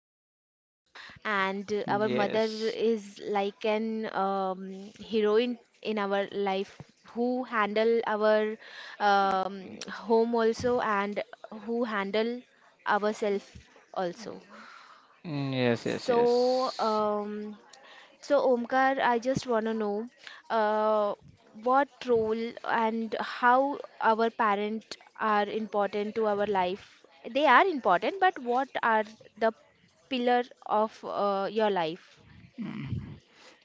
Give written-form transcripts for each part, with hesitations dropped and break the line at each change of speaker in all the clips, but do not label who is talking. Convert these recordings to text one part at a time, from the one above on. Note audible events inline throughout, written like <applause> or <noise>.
is our hero, and our mother is
yes,
like an heroine in our life who handle our um, home also and who handle ourselves also.
yes, yes,
So,
yes.
so Omkar, I just want to know uh, what role and how our parent are important to our life. They are important, but what are the pillar of your life?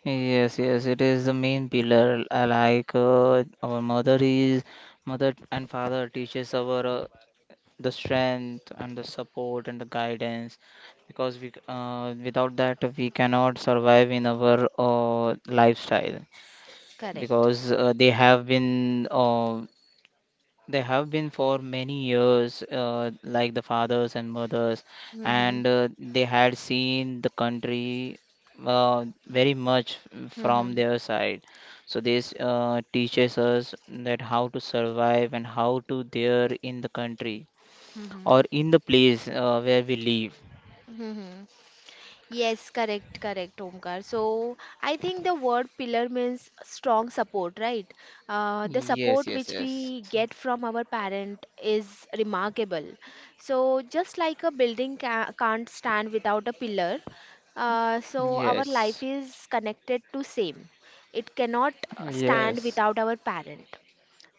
Yes, yes, it is the main pillar. Like mother and father teaches our the strength and the support and the guidance because we without that we cannot survive in our lifestyle
Correct.
because they have been for many years like the fathers and mothers,
Mm-hmm.
and they had seen the country very much from
Mm-hmm.
their side, so this teaches us that how to survive and how to there in the country
Mm-hmm.
or in the place where we live.
Hmm. Yes, correct, correct, Omkar. So I think the word pillar means strong support, right? The
Yes,
support
yes,
which
yes.
we get from our parent is remarkable. So just like a building ca can't stand without a pillar, so our
Yes.
life is connected to same. It cannot stand
Yes.
without our parent.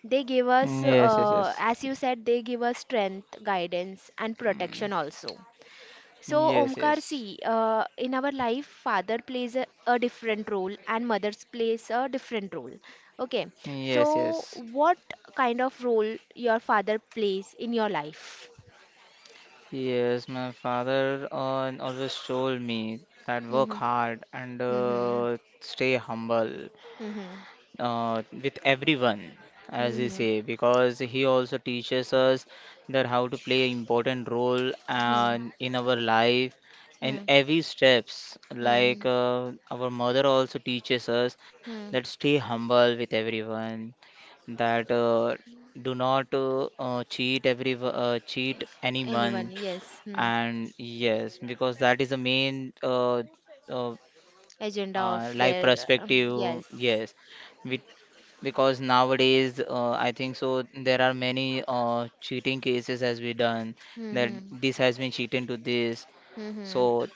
They give us,
Yes, yes, yes.
as you said, they give us strength, guidance, and protection also. So,
Yes,
Omkar,
yes.
see, in our life, father plays a different role and mothers plays a different role. Okay.
Yes,
So,
yes.
what kind of role your father plays in your life?
Yes, my father always told me that work
Mm-hmm.
hard and
Mm-hmm.
stay humble
Mm-hmm.
with everyone, as they
Mm-hmm.
say, because he also teaches us that how to play important role
Hmm. Mm.
and in our life in
Hmm.
every steps.
Mm-hmm.
Like
Mm-hmm.
our mother also teaches us
Mm-hmm.
that stay humble with everyone, that do not cheat every cheat
Anyone?
anyone,
Yes. Hmm.
and yes, because that is the main. Uh,
Agenda of
life
their
perspective,
yes.
yes, we, because nowadays I think so there are many cheating cases has been done that
Mm-hmm.
this has been cheating to this,
Mm-hmm.
so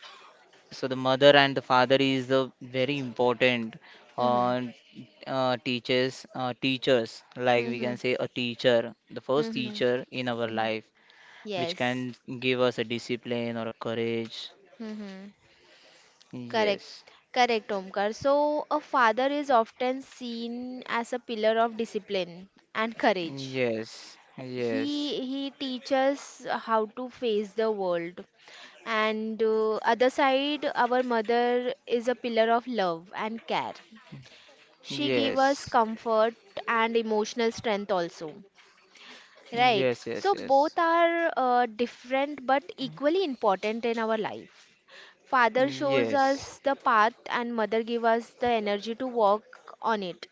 so the mother and the father is the very important
Mm-hmm.
uh, teachers, like we
Mm-hmm.
can say a teacher, the first teacher in our
Mm-hmm.
life which
Yes.
can give us a discipline or a courage,
Mm-hmm. Correct,
yes,
correct, Omkar. So, a father is often seen as a pillar of discipline and courage.
yes, yes.
He teaches how to face the world. And other side, our mother is a pillar of love and care. She gives us
Yes.
comfort and emotional strength also. Right.
Yes, yes,
So
yes.
both are different but equally important in our life. Father shows
Yes.
us the path and mother gives us the energy to walk on it.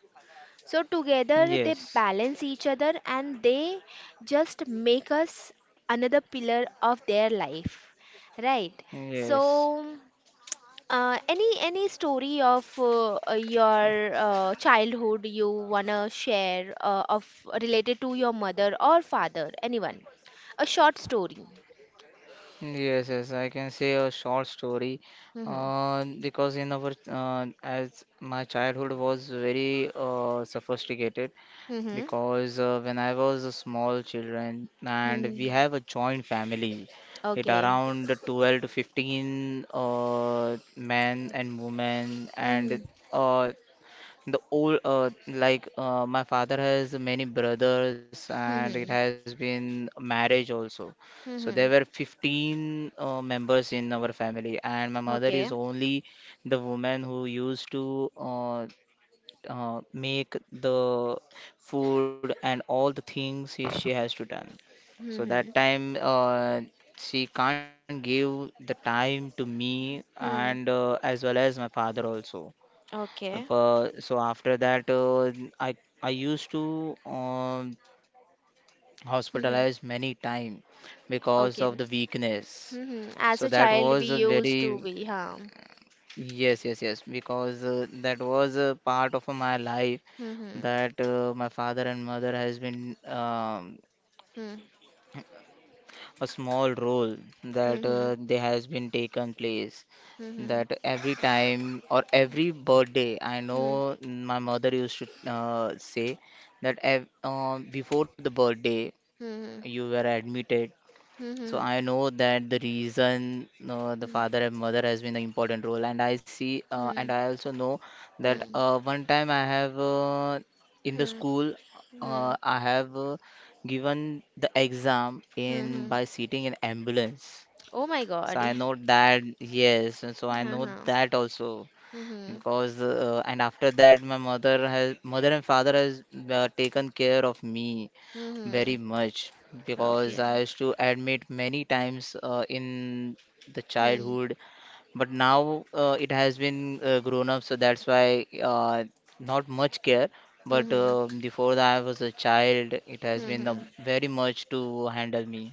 So together they
Yes.
balance each other and they just make us another pillar of their life. Right.
Yes.
So any story of your childhood you wanna share of related to your mother or father? Anyone? A short story.
Yes, yes. I can say a short story.
Mm-hmm.
Because in our as my childhood was very sophisticated
Mm-hmm.
because when I was a small children and we
Hmm.
have a joint family, it
Okay.
around 12 to 15 men and women, and
Mm-hmm.
uh, the old, like my father has many brothers and it
Mm-hmm.
has been marriage also. So there were
Mm-hmm.
15 members in our family, and my mother
Okay.
is only the woman who used to make the food and all the things she has to done. So
Mm-hmm.
that time she can't give the time to me and
Hmm.
as well as my father also.
Okay.
So after that, I I used to hospitalize
Mm-hmm.
many time because of the
Okay.
weakness.
Mm-hmm.
So
As a
that was
child, we
a
used to
very,
be, huh?
yes, yes, yes, because that was a part of my life,
Mm-hmm.
that my father and mother has been
Mm-hmm.
a small role that
Mm-hmm.
they has been taken place,
Mm-hmm.
that every time or every birthday I know my mother used to say that before the birthday you
Mm-hmm.
were admitted, so I
Mm-hmm.
know that the reason the father and mother has been the important role, and I see,
Mm-hmm.
and I also know that
Hmm.
one time I have in the
Hmm.
school,
Hmm.
I have given the exam
Hmm.
in
Hmm.
by sitting in ambulance.
Oh my
So
God.
I
<laughs>
know that, yes, and so I
Huh,
know
huh.
that also
Hmm. Hmm.
because and after that my mother has mother and father has taken care of me
Hmm.
very
Hmm.
much because
Okay.
I used to admit many times in the
Hmm.
childhood, but now it has been grown up, so that's why not much care. But
Hmm. Hmm.
before that, I was a child. It
Hmm.
has been
Hmm.
very much to handle me.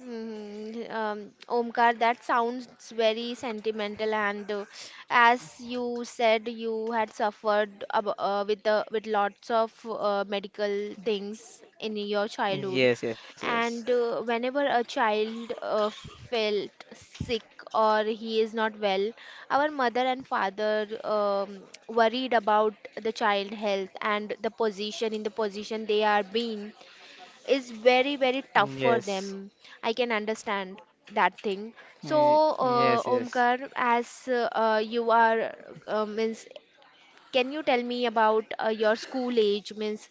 Mhm. Omkar, that sounds very sentimental, and as you said, you had suffered ab with the with lots of medical things in your
Yes,
childhood,
yes, yes,
and whenever a child felt sick or he is not well, our mother and father um, worried about the child health and the position in the position they are being is very very tough for
yes,
them. I can understand that thing. So uh,
Yes, yes,
omkar as uh, uh, you are means can you tell me about your school age means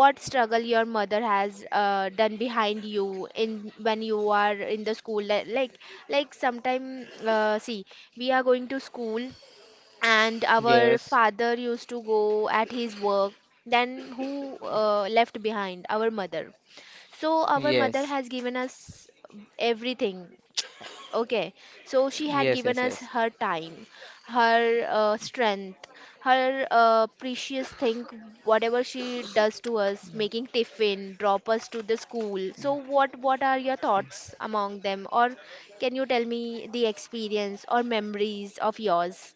what struggle your mother has done behind you in when you are in the school like sometime see we are going to school and our
yes,
father used to go at his work, then who left behind our mother, so our mother
yes.
has given us everything. <tsk> Okay, so she had
Yes,
given
yes,
us
yes.
her time, her strength, her precious thing, whatever she does to us, making tiffin, drop us to the school. So what are your thoughts among them, or can you tell me the experience or memories of yours?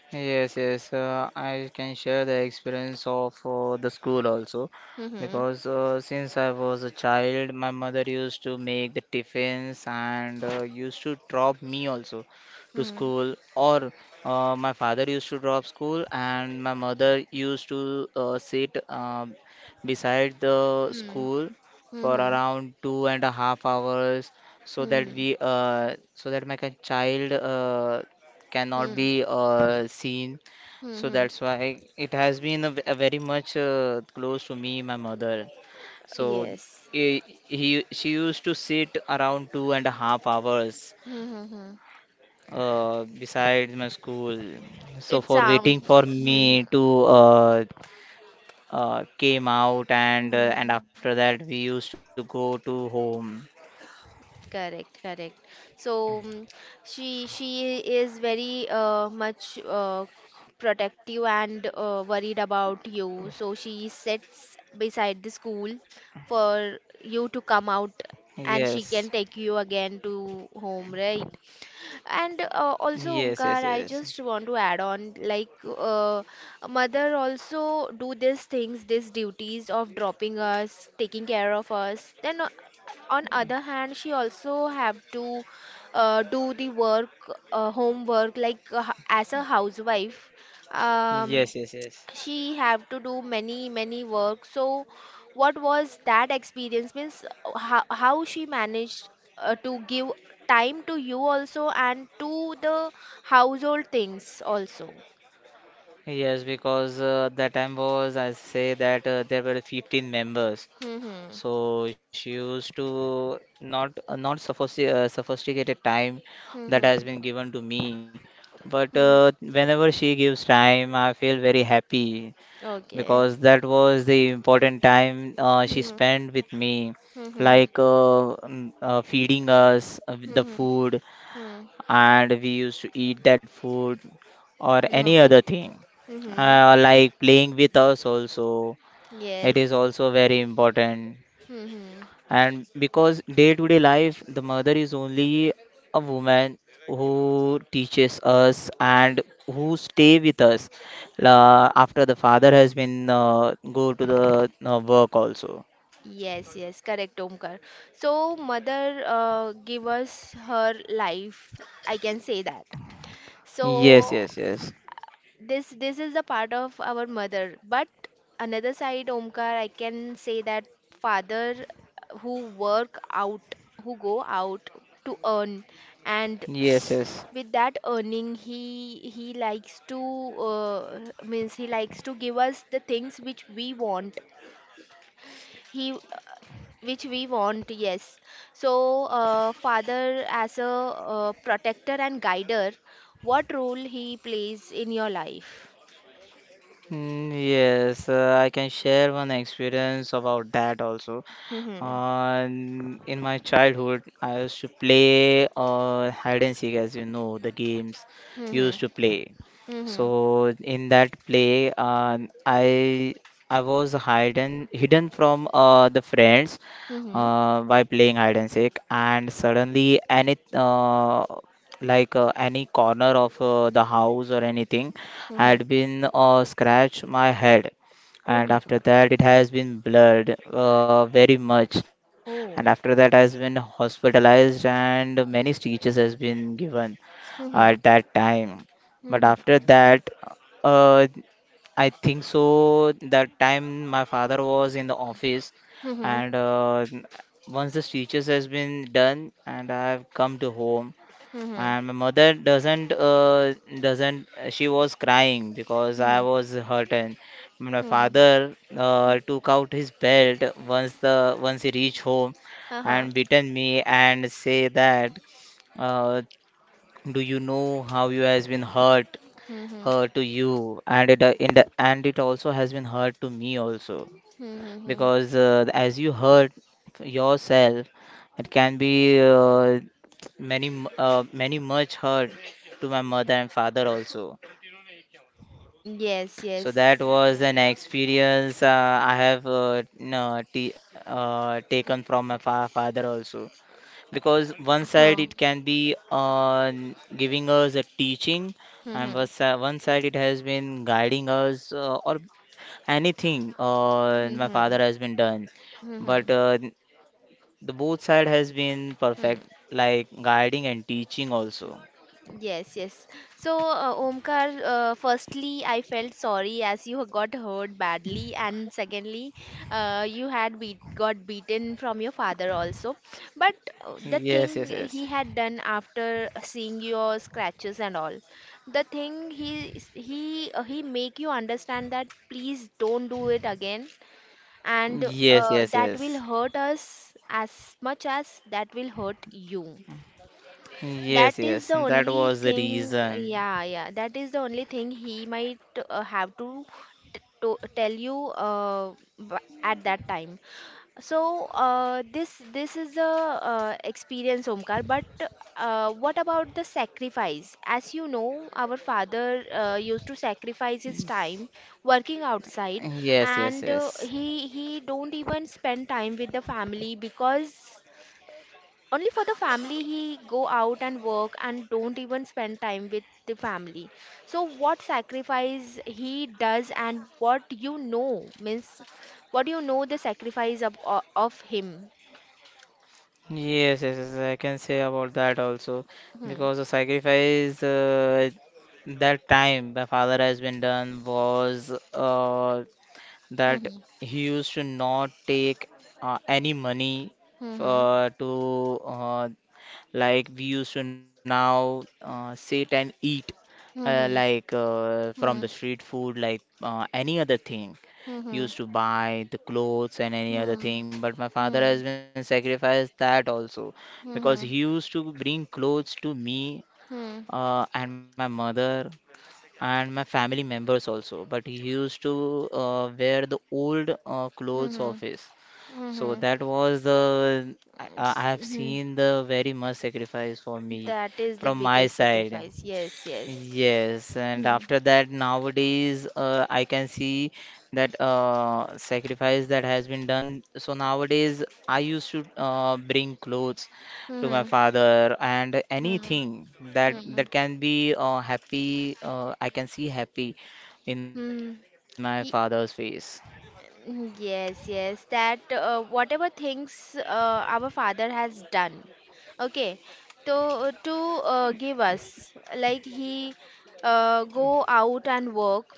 Yes, yes. I can share the experience of the school also,
Mm-hmm.
because since I was a child, my mother used to make the tiffins and used to drop me also to school, or my father used to drop school, and my mother used to sit beside the
Mm-hmm.
school for
Mm-hmm.
around 2.5 hours so that
Mm-hmm.
we so that my child cannot
Mm-hmm.
be seen. So
Mm-hmm.
that's why it has been a, a very much close to me, my mother. So
Yes.
he she used to sit around 2.5 hours
Mm-hmm.
beside my school. So
It
for waiting
sounds.
for
Mhm.
me to came out, and after
Mhm.
that we used to go to home.
Correct, correct. So mm, she is very much protective and worried about you. So she sits beside the school for you to come
Yes,
out, and she can take you again to home, right? And
yes, yes,
also,
yes,
Omkar, I just want to add on, like uh, mother also do these things, these duties of dropping us, taking care of us. Then on other hand, she also have to do the work, homework, like as a housewife. Um,
yes, yes, yes.
she have to do many many work. So what was that experience means how she managed to give time to you also and to the household things also.
Yes, because that time was, I say that there were 15 members.
Hmm.
So she used to not sophisticated time that
Hmm.
has been given to me. But
Hmm.
whenever she gives time, I feel very happy
Okay.
because that was the important time she
Hmm.
spent with me,
Hmm. Hmm. Hmm.
like feeding us with the
Hmm. Hmm,
food,
hmm.
and we used to eat that food or
Hmm.
any
Okay.
other thing,
Mm-hmm.
like playing with us also, it is
Yes.
also very important,
Mm-hmm.
and because day to day life the mother is only a woman who teaches us and who stay with us after the father has been go to the work also,
Yes, yes, correct, Omkar. So, mother give us her life. I can say that.
yes,
So
yes, yes,
this is the part of our mother. But another side, Omkar, I can say that father who work out, who go out to earn, and
yes, yes.
with that earning, he likes to uh, means he likes to give us the things which we want. He which we want, yes. So father as a protector and guider, what role he plays in your life?
Yes, I can share one experience about that also.
Mm-hmm.
In my childhood, I used to play hide and seek, as you know, the games
Mm-hmm.
used to play.
Mm-hmm.
So in that play, I was hidden from the friends
Mm-hmm.
by playing hide and seek, and suddenly any like any corner of the house or anything
Mm-hmm.
had been scratched my head,
Oh
and
my
after
God.
that it has been blurred very much, and after
Oh.
that has been hospitalized and many stitches has been given
Mm-hmm.
at that time. But
Mm-hmm.
after that, uh, I think so that time my father was in the office,
Mm-hmm.
and once the stitches has been done and I have come to home,
Mm-hmm.
and my mother doesn't, she was crying because I
Mm-hmm.
was hurt. And my
Mm-hmm.
father took out his belt once the once he reached home
Uh-huh.
and beaten me and say that uh, do you know how you has been hurt
Mm-hmm.
to you, and it in the and it also has been hurt to me also,
Mm-hmm.
because as you heard yourself, it can be many much hurt to my mother and father also.
Yes, yes.
So that was an experience I have no, t taken from my fa father also. Because one side
Mm-hmm.
it can be giving us a teaching, and
Mm-hmm.
one side it has been guiding us, or anything my father
Mm-hmm.
has been done.
Mm-hmm.
But the both side has been perfect,
Mm-hmm.
like guiding and teaching also.
Yes, yes. So, Omkar, firstly, I felt sorry as you <laughs> got hurt badly, and secondly, you had beat got beaten from your father also. But the
Yes,
thing
yes, yes.
he had done after seeing your scratches and all, the thing he s- he make you understand that please don't do it again, and
Yes, yes,
that will
yes.
hurt us as much as that will hurt you. That
Yes,
is the
yes. And that
only
was the
thing,
reason.
yeah, yeah. That is the only thing he might have to, t to tell you at that time. So this this is a experience, Omkar. But what about the sacrifice? As you know, our father used to sacrifice his time working outside,
Yes, yes,
and uh,
yes.
he he don't even spend time with the family, because only for the family he go out and work and don't even spend time with the family. So what sacrifice he does and what you know means what you know the sacrifice of of him.
Yes, yes, yes. I can say about that also
Hmm.
because the sacrifice that time my father has been done was that
Hmm.
he used to not take any money
Hmm.
to like we used to now sit and eat
Hmm.
like from the
Hmm.
street food, like any other thing.
Hmm.
Used to buy the clothes and
Hmm.
any other thing, but my
Hmm.
father has been sacrificed that also because
Hmm.
he used to bring clothes to me
Hmm. Hmm. Hmm. Hmm.
and my mother and my family members also. But he used to wear the old
Hmm, hmm,
clothes of
hmm.
his.
Hmm,
So
hmm.
that was the I have
Hmm,
seen the very much sacrifice for me
that is the
from my
biggest
side.
sacrifice, yes, yes.
Yes, and
Hmm.
after that nowadays I can see that sacrifice that has been done. So nowadays I used to bring clothes to my
Hmm.
father and
Hmm.
anything that
Hmm.
can be happy, I can see happy in my
Hmm.
father's face.
Ye- Mm, yes, yes, that whatever things our father has done, okay, to give us, like he go out and work,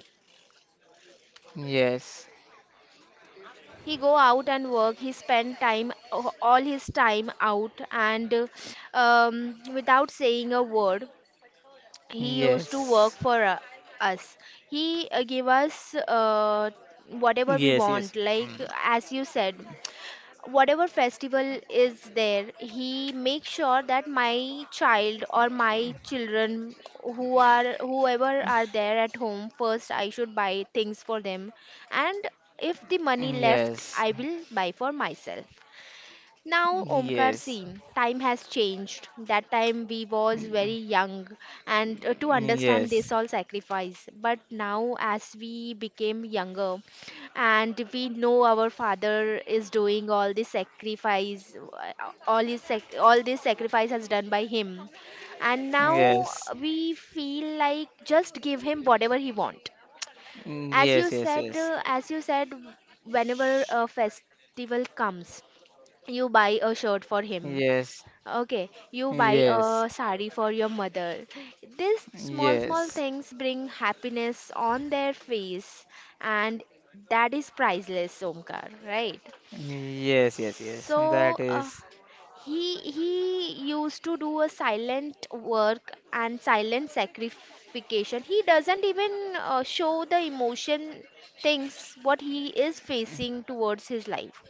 Yes.
he spend time all his time out and without saying a word, he used to
Yes.
work for us. He give us
Yes, yes. Mm,
whatever we want, like as you said. Whatever festival is there, he makes sure that my child or my children who are whoever are there at home, first I should buy things for them, and if the money
Yes.
left, I will buy for myself. Now, Omkar,
Yes.
see, time has changed. That time we was
Mm,
very young, and to understand
Yes.
this all sacrifice. But now, as we became younger, and we know our father is doing all this sacrifice, all this sacrifice has done by him, and now
Yes.
we feel like just give him whatever he want.
Yes, yes, yes.
As you said, whenever a festival comes, you buy a shirt for him.
Yes.
Okay, you buy
Yes.
a sari for your mother. These small, small
Yes.
things bring happiness on their face, and that is priceless, Omkar, right?
Yes, yes, yes.
So,
That
uh,
is
he he used to do a silent work and silent sacrification. He doesn't even show the emotion things what he is facing towards his life,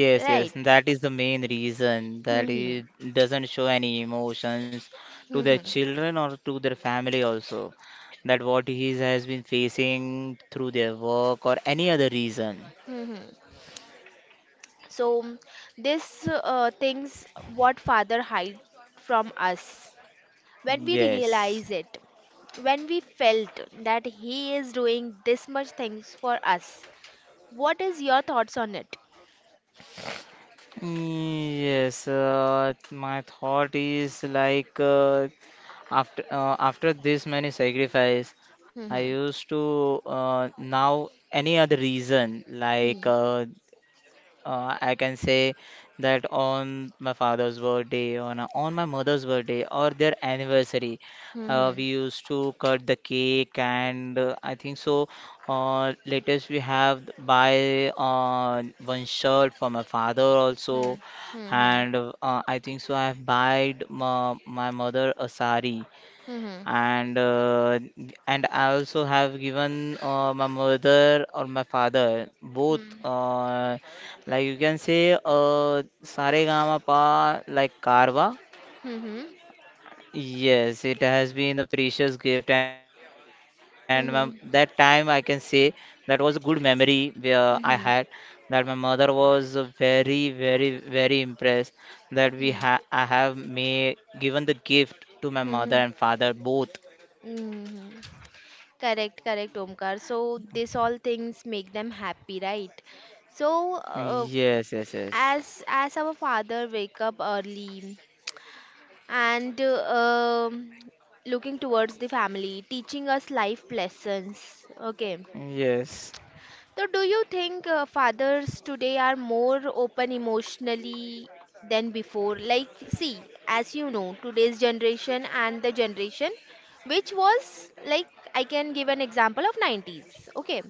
yes, yes.
right?
That is the main reason that
Hmm.
it doesn't show any emotions to their
Hmm.
children or to their family also. That what he has been facing through their work or any other reason.
Hmm. So this things what father hide from us, when we
Yes.
realize it, when we felt that he is doing this much things for us, what is your thoughts on it?
Yes, my thought is like after this many sacrifice, I
Mm-hmm.
used to now any other reason like I can say that on my father's birthday, on my mother's birthday, or their anniversary,
Mm-hmm.
we used to cut the cake, and I think so. Latest we have buy one shirt for my father also,
Mm-hmm. Mm-hmm.
and I think so. I have buyed my mother a sari,
Mm-hmm.
and I also have given my mother or my father both, like you can say pa like Karwa.
Mm-hmm. Hmm. Hmm.
Yes, it has been a precious gift, and my, that time I
Hmm.
can
Hmm.
say that was a good memory where I had
Hmm. Hmm.
that my mother was very, very, very impressed that we ha I
Hmm.
have made given the gift to my mother and
Hmm.
father both.
Hmm. Hmm. Correct, correct, Omkar. So this all things make them happy, right? So
Yes, yes, yes.
as our father wake up early and looking towards the family, teaching us life lessons. Okay,
Yes.
so, do you think fathers today are more open emotionally than before? Like, see, as you know, today's generation and the generation which was like I can give an example of 90s. Okay.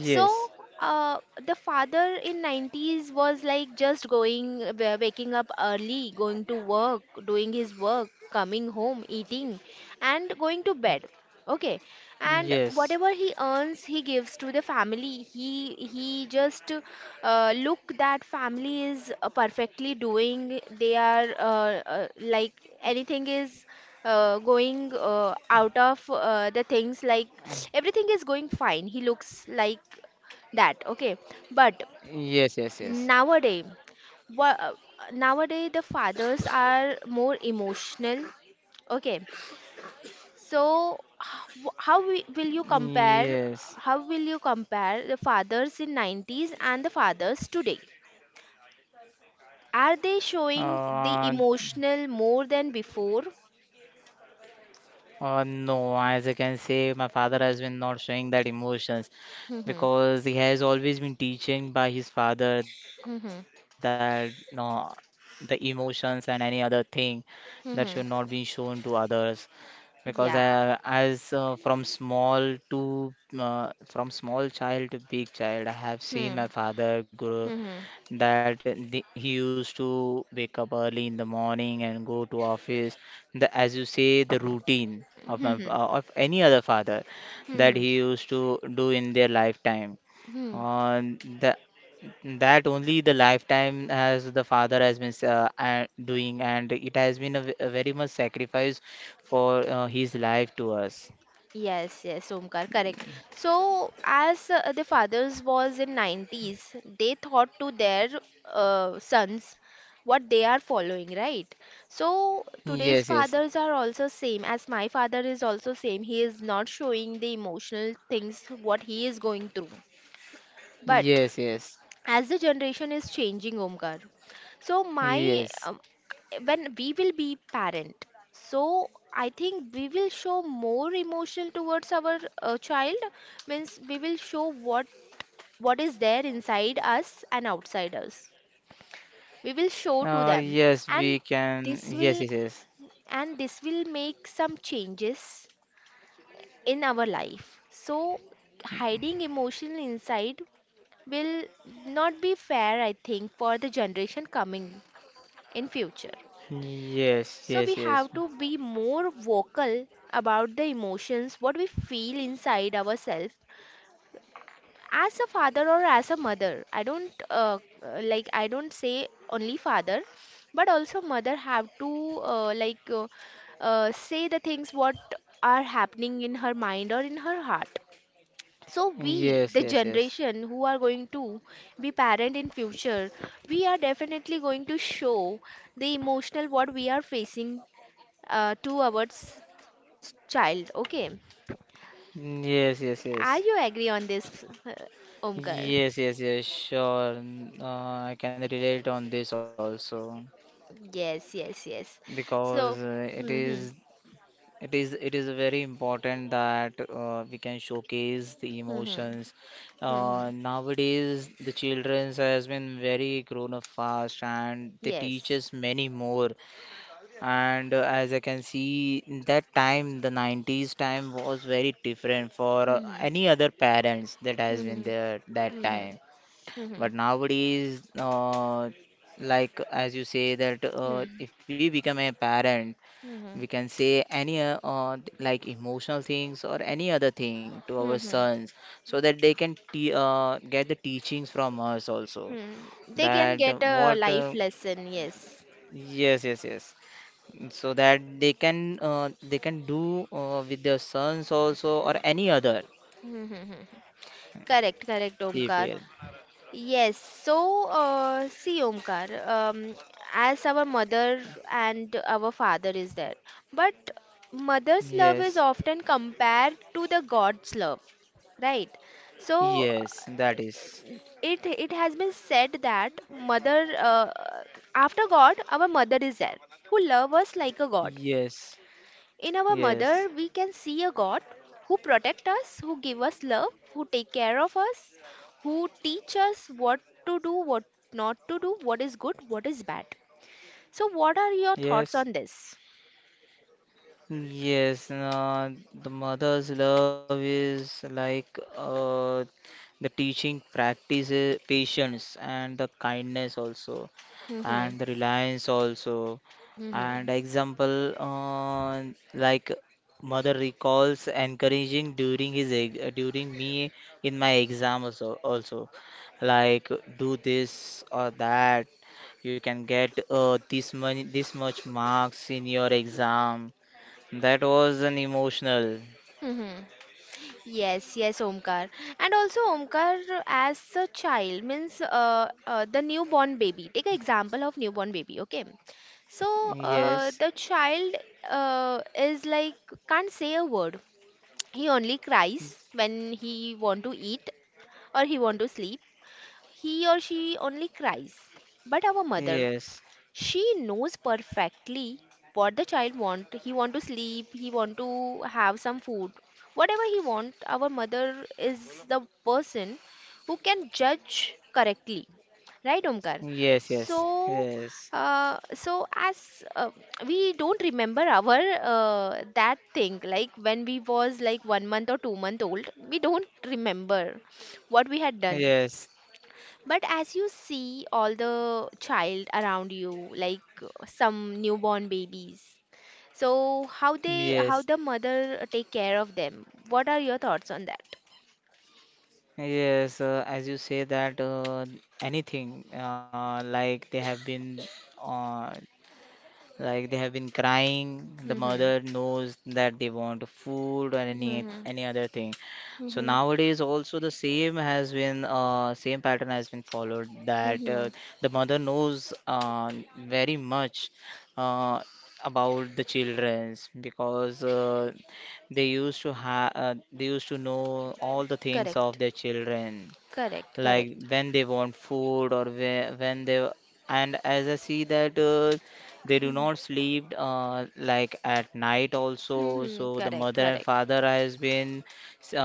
So uh, the father in 90s was like just going waking up early, going to work, doing his work, coming home, eating and going to bed. Okay. And
Yes.
whatever he earns, he gives to the family. He just look that family is perfectly doing. They are like anything is going out of the things like everything is going fine, he looks like that, okay. But
Yes, yes, yes.
nowadays, what nowadays the fathers are more emotional, okay. So how will you
Yes.
compare, how will you compare the fathers in 90s and the fathers today? Are they
Uh,
showing the emotional more than before?
No, as I can say, my father has been not showing that emotions
Hmm,
because he has always been teaching by his father that
hmm, hmm,
no, the emotions and any other thing that should not be
hmm,
shown to others. Because
yeah.
as from small to from small child to big child, I have
Hmm.
seen my father grow
Hmm.
that he used to wake up early in the morning and go to office, the as you say the routine
Hmm.
of
Hmm.
my,
Hmm.
of any other father
Hmm,
that
hmm.
he used to do in their lifetime,
Hmm.
on the that only the lifetime as the father has been doing, and it has been a, a very much sacrifice for his life to us.
Yes, yes, Omkar, correct. So, as the fathers was in 90s, they thought to their sons what they are following, right? So, today's
Yes, yes,
fathers are also same, as my father is also same. He is not showing the emotional things what he is going through. But
yes. Yes,
as the generation is changing, Omkar, so my
yes.
when we will be parent, so I think we will show more emotion towards our child. Means we will show what is there inside us and outside us, we will show to them.
Yes, we
And
can.
this
Yes, yes,
will,
yes.
and this will make some changes in our life. So hiding emotion inside will not be fair, I think, for the generation coming in future.
Yes,
So
yes,
we
yes.
have to be more vocal about the emotions what we feel inside ourselves, as a father or as a mother. I don't like, I don't say only father, but also mother have to, say the things what are happening in her mind or in her heart. So we,
Yes,
the
yes, yes.
generation who are going to be parent in future, we are definitely going to show the emotional what we are facing, to our child, okay?
Yes, yes,
Are
yes.
you agree on this, Omkar?
Yes, yes, yes, sure. I can relate on this also
Yes, yes, yes.
because
So,
it is
hmm,
it is very important that we can showcase the
hmm,
emotions.
hmm,
Nowadays the children has been very grown up fast, and they teach
yes,
us many more. And as I can see, in that time, the 90s time was very different for
hmm,
any other parents that has been
hmm,
there that
hmm,
time.
hmm, hmm,
But nowadays, like as you say that if we become a parent, we
hmm,
can say any like emotional things or any other thing to our
hmm,
sons so that they can te get the teachings from us also.
hmm. They can
That
get a life lesson, yes.
yes, yes, yes, so that they can do with their sons also or any other
<laughs> Correct, correct, Omkar.
people.
Yes, so see, Omkar, as our mother and our father is there, but mother's love
Yes,
is often compared to the God's love, right? So
yes, that is
it has been said that mother, after God, our mother is there, who love us like a God.
yes,
In our
yes,
mother, we can see a God who protects us, who gives us love, who take care of us, who teach us what to do, what not to do, what is good, what is bad. So, what are your
yes.
thoughts on this?
Yes, the mother's love is like the teaching practices patience and the kindness also,
Hmm,
and the reliance also.
hmm,
And example, like mother recalls encouraging during during me in my exam also, also like do this or that, you can get this money this much marks in your exam. That was an emotional.
hmm. Yes, yes, Omkar. And also, Omkar, as a child, means, the newborn baby. Take an example of newborn baby, okay? So,
Yes,
the child is like, can't say a word. He only cries when he want to eat or he want to sleep. He or she only cries. But our mother,
yes,
she knows perfectly what the child want. He want to sleep, he want to have some food, whatever he want. Our mother is the person who can judge correctly, right, Omkar?
yes, yes,
So
yes,
so as we don't remember our uh, that thing, like when we was like 1 month or 2 month old, we don't remember what we had done. But as you see all the child around you, like some newborn babies, so how they, how
yes,
the
yes,
mother take care of them? What are your thoughts on that?
yes. As you say that anything like they have been uh, like they have been crying. The
Mm-hmm.
mother knows that they want food or
Mm-hmm.
any other thing. So
Mm-hmm.
nowadays also the same has been, same pattern has been followed, that
Mm-hmm.
the mother knows, very much, uh, about the childrens, because they used to have, they used to know all the things
Correct.
of their children,
Correct.
like
Correct.
when they want food or when they, and as I see that they do
Mm-hmm.
not sleep like at night also,
Mm-hmm.
so the
Correct.
mother and
Correct.
father has been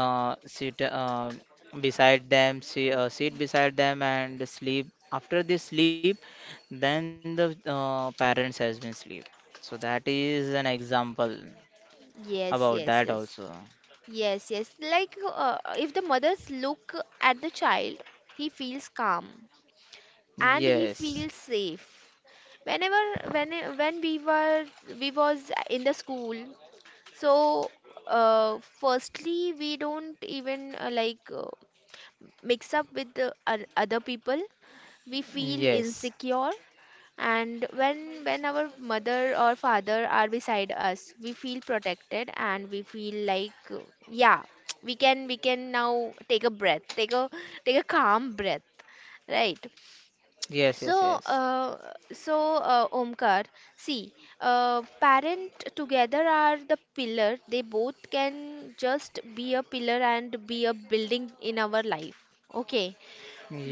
sit beside them, sit beside them and sleep after they sleep, then the parents has been sleep. So that is an example about
Yes,
that
yes, yes.
also.
Yes, yes. Like if the mothers look at the child, he feels calm. And he
Yes,
feels safe whenever, when when we was in the school. So firstly we don't even, mix up with the other people, we feel
yes,
insecure. And when our mother or father are beside us, we feel protected and we feel like, yeah, <tsk> we can now take a breath, take a, take a calm breath, right?
yes,
So,
yes, yes,
Omkar, see, parent together are the pillar. They both can just be a pillar and be a building in our life. Okay,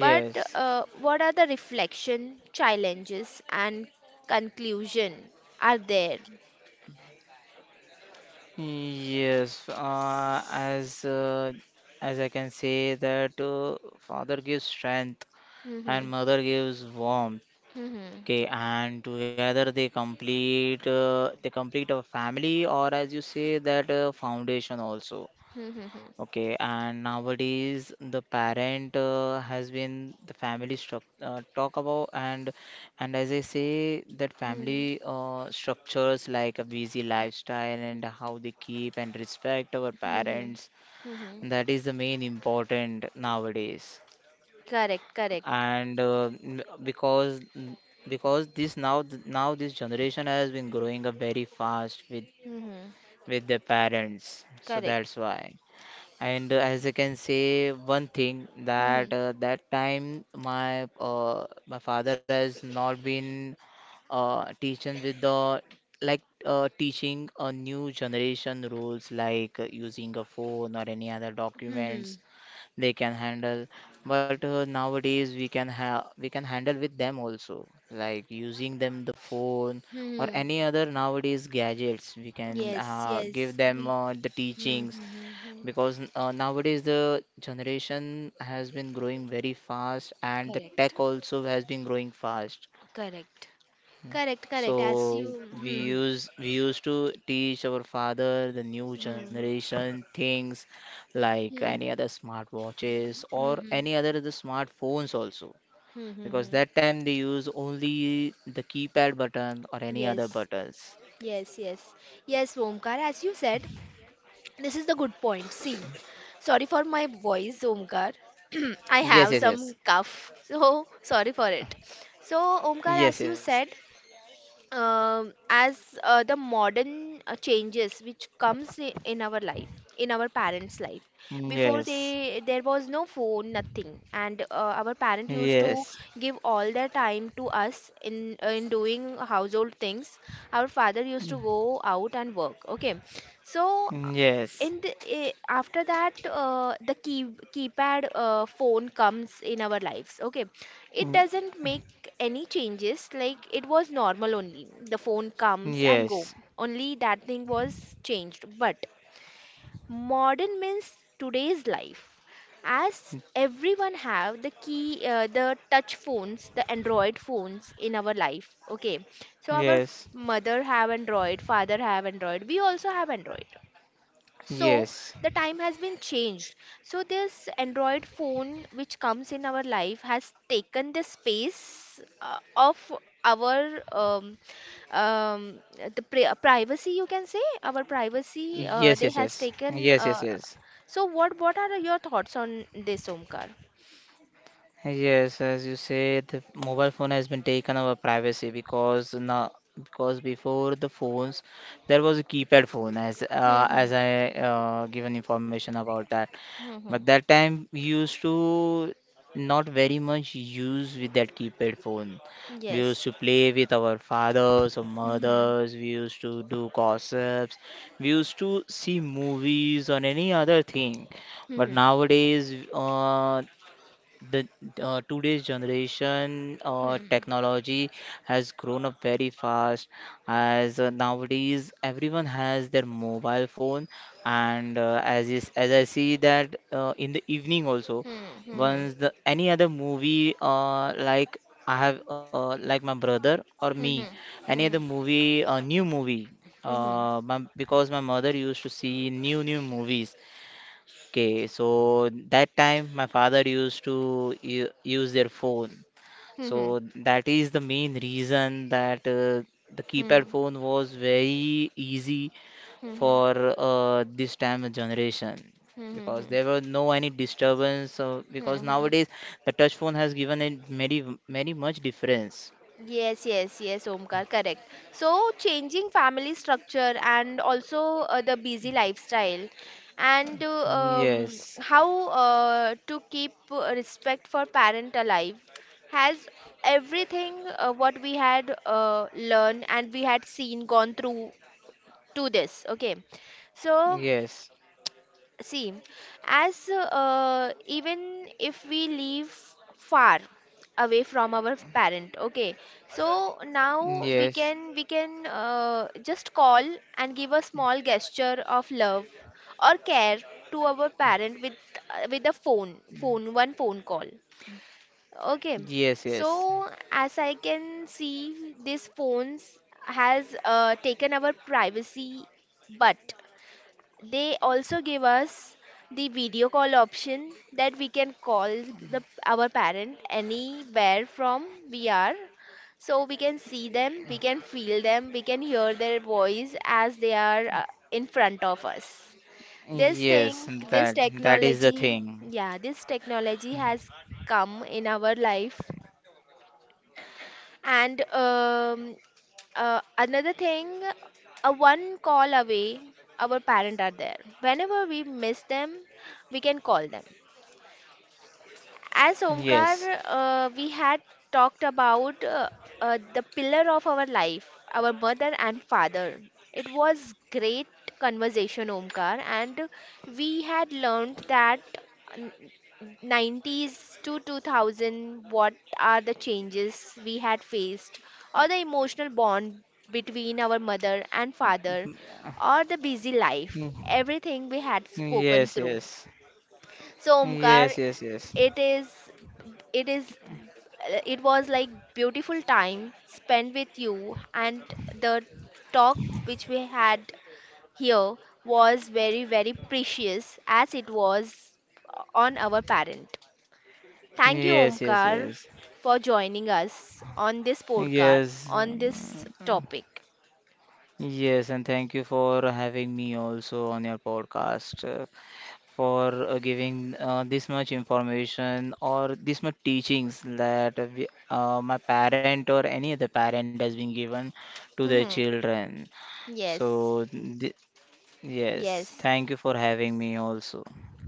but what are the reflection, challenges, and conclusion are there?
Yes, as I can say that father gives strength and
Mm-hmm.
mother gives warmth.
Mm-hmm.
Okay, and together they complete a family, or as you say that foundation also.
Mm-hmm.
Okay, and nowadays the parent has been the family struct talk about. And as I say that
Mm-hmm.
family structures like a busy lifestyle, and how they keep and respect our
Mm-hmm.
parents,
Mm-hmm.
that is the main important nowadays.
Correct. Correct.
And because this now this generation has been growing up very fast with
Mm-hmm.
with their parents, so
Correct.
that's why. And as I can say one thing,
Mm-hmm.
that that time my my father has not been teaching with the, like teaching a new generation rules, like using a phone or any other documents
Mm-hmm.
they can handle. But nowadays we can have, we can handle with them also, like using them the phone or
Mm-hmm.
any other nowadays gadgets. We can
Yes,
give
yes,
them
we.
the
Hmm,
teachings
hmm, hmm, hmm.
because nowadays the generation has been growing very fast, and the
Correct,
tech also has been growing fast,
correct, correct, correct. As you.
so
Hmm,
we used to teach our father the new
hmm, hmm,
generation things like
hmm,
any other smartwatches
hmm,
or
hmm,
any other the smartphones also,
hmm, hmm,
because
hmm.
that time they use only the keypad button or any other
Yes,
buttons.
yes, yes, yes, Omkar. As you said, this is the good point. See, sorry for my voice, Omkar. <clears throat> I
Yes,
have
yes,
some
yes,
cough, so sorry for it. So, Omkar, as
yes,
you said, as the modern changes which comes in our life, in our parents life, before
yes,
they, there was no phone, nothing, and our parent used to
yes, yes,
give all their time to us in, in doing household things. Our father used to go out and work, okay? So
yes.
in the eh, after that the key keypad phone comes in our lives, okay? It
Mm. Yes.
doesn't make any changes, like it was normal only. The phone comes and go.
Yes,
Only that thing was changed. But modern means today's life. As everyone have the key, the touch phones, the Android phones in our life. Okay, so our
yes,
mother have Android, father have Android. We also have Android. So
yes,
the time has been changed. So this Android phone which comes in our life has taken the space of our, um, the privacy, you can say, our privacy,
yes, yes,
they
yes,
has
yes,
taken,
yes, yes.
so what are your thoughts on this, Omkar?
Yes, as you said, the mobile phone has been taken our privacy because now, because before the phones, there was a keypad phone,
Mm-hmm.
as I given information about that.
Mm-hmm.
But that time we used to not very much use with that keypad phone. We used
Yes.
to play with our fathers or
Mm-hmm.
mothers. We used to do gossips. We used to see movies or any other thing. But
Hmm.
nowadays, the today's generation
Mm-hmm.
technology has grown up very fast, as nowadays everyone has their mobile phone. And as I see that in the evening also,
Mm-hmm.
once the any other movie, like I have like my brother or me,
Mm-hmm. Mm-hmm.
any other
Hmm,
movie, new movie,
hmm.
because my mother used to see new movies. Okay, so that time my father used to use their phone.
Mm-hmm.
So that is the main reason that the
Hmm, hmm, hmm,
keypad
mm,
phone was very easy
hmm, hmm.
for this time of generation,
Hmm.
because
Hmm.
there were no any disturbance. So because
Mhm.
nowadays the touch phone has given it many, many much difference.
Yes, yes, yes, Omkar, correct. So, changing family structure, and also the busy lifestyle, and
Yes,
how to keep respect for parent alive, has everything what we had learned and we had seen, gone through to this. Okay, so.
yes,
See, as even if we live far away from our parent, okay, so now
yes.
we can just call and give a small gesture of love or care to our parent with, with a phone, one phone call. Okay,
Yes, yes,
so as I can see, these phones has taken our privacy, but they also give us the video call option that we can call the our parent anywhere from we are. So we can see them, we can feel them, we can hear their voice as they are in front of us. This
yes,
thing, this
that that is the
technology,
thing.
yeah, this technology has come in our life and, another thing, a one call away our parent are there. Whenever we miss them, we can call them. As
Yes.
Omkar, we had talked about, the pillar of our life, our mother and father. It was great conversation, Omkar, and we had learned that, n- 90s to 2000, what are the changes we had faced, or the emotional bond between our mother and father, or the busy life,
Mm.
everything we had
Yes,
spoken through.
yes.
So,
Yes,
Omkar,
yes, yes.
it is it is it was like beautiful time spent with you, and the talk which we had here was very very precious, as it was on our parent. Thank you,
Yes, yes,
Omkar,
yes.
for joining us on this podcast,
Yes.
on this
Mm.
topic.
Yes, and thank you for having me also on your podcast, for giving this much information or this much teachings that my parent or any other parent has been given to their
Mhm.
children.
Yes,
So, th yes,
yes.
thank you for having me also.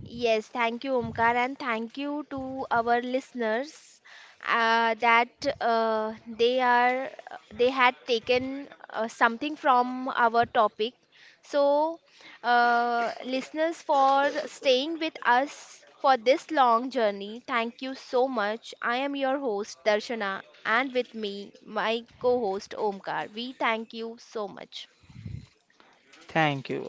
Yes, thank you, Omkar, and thank you to our listeners, that they are, they had taken something from our topic. So, listeners, for staying with us for this long journey, thank you so much. I am your host Darshana, and with me, my co-host Omkar. We thank you so much.
Thank you.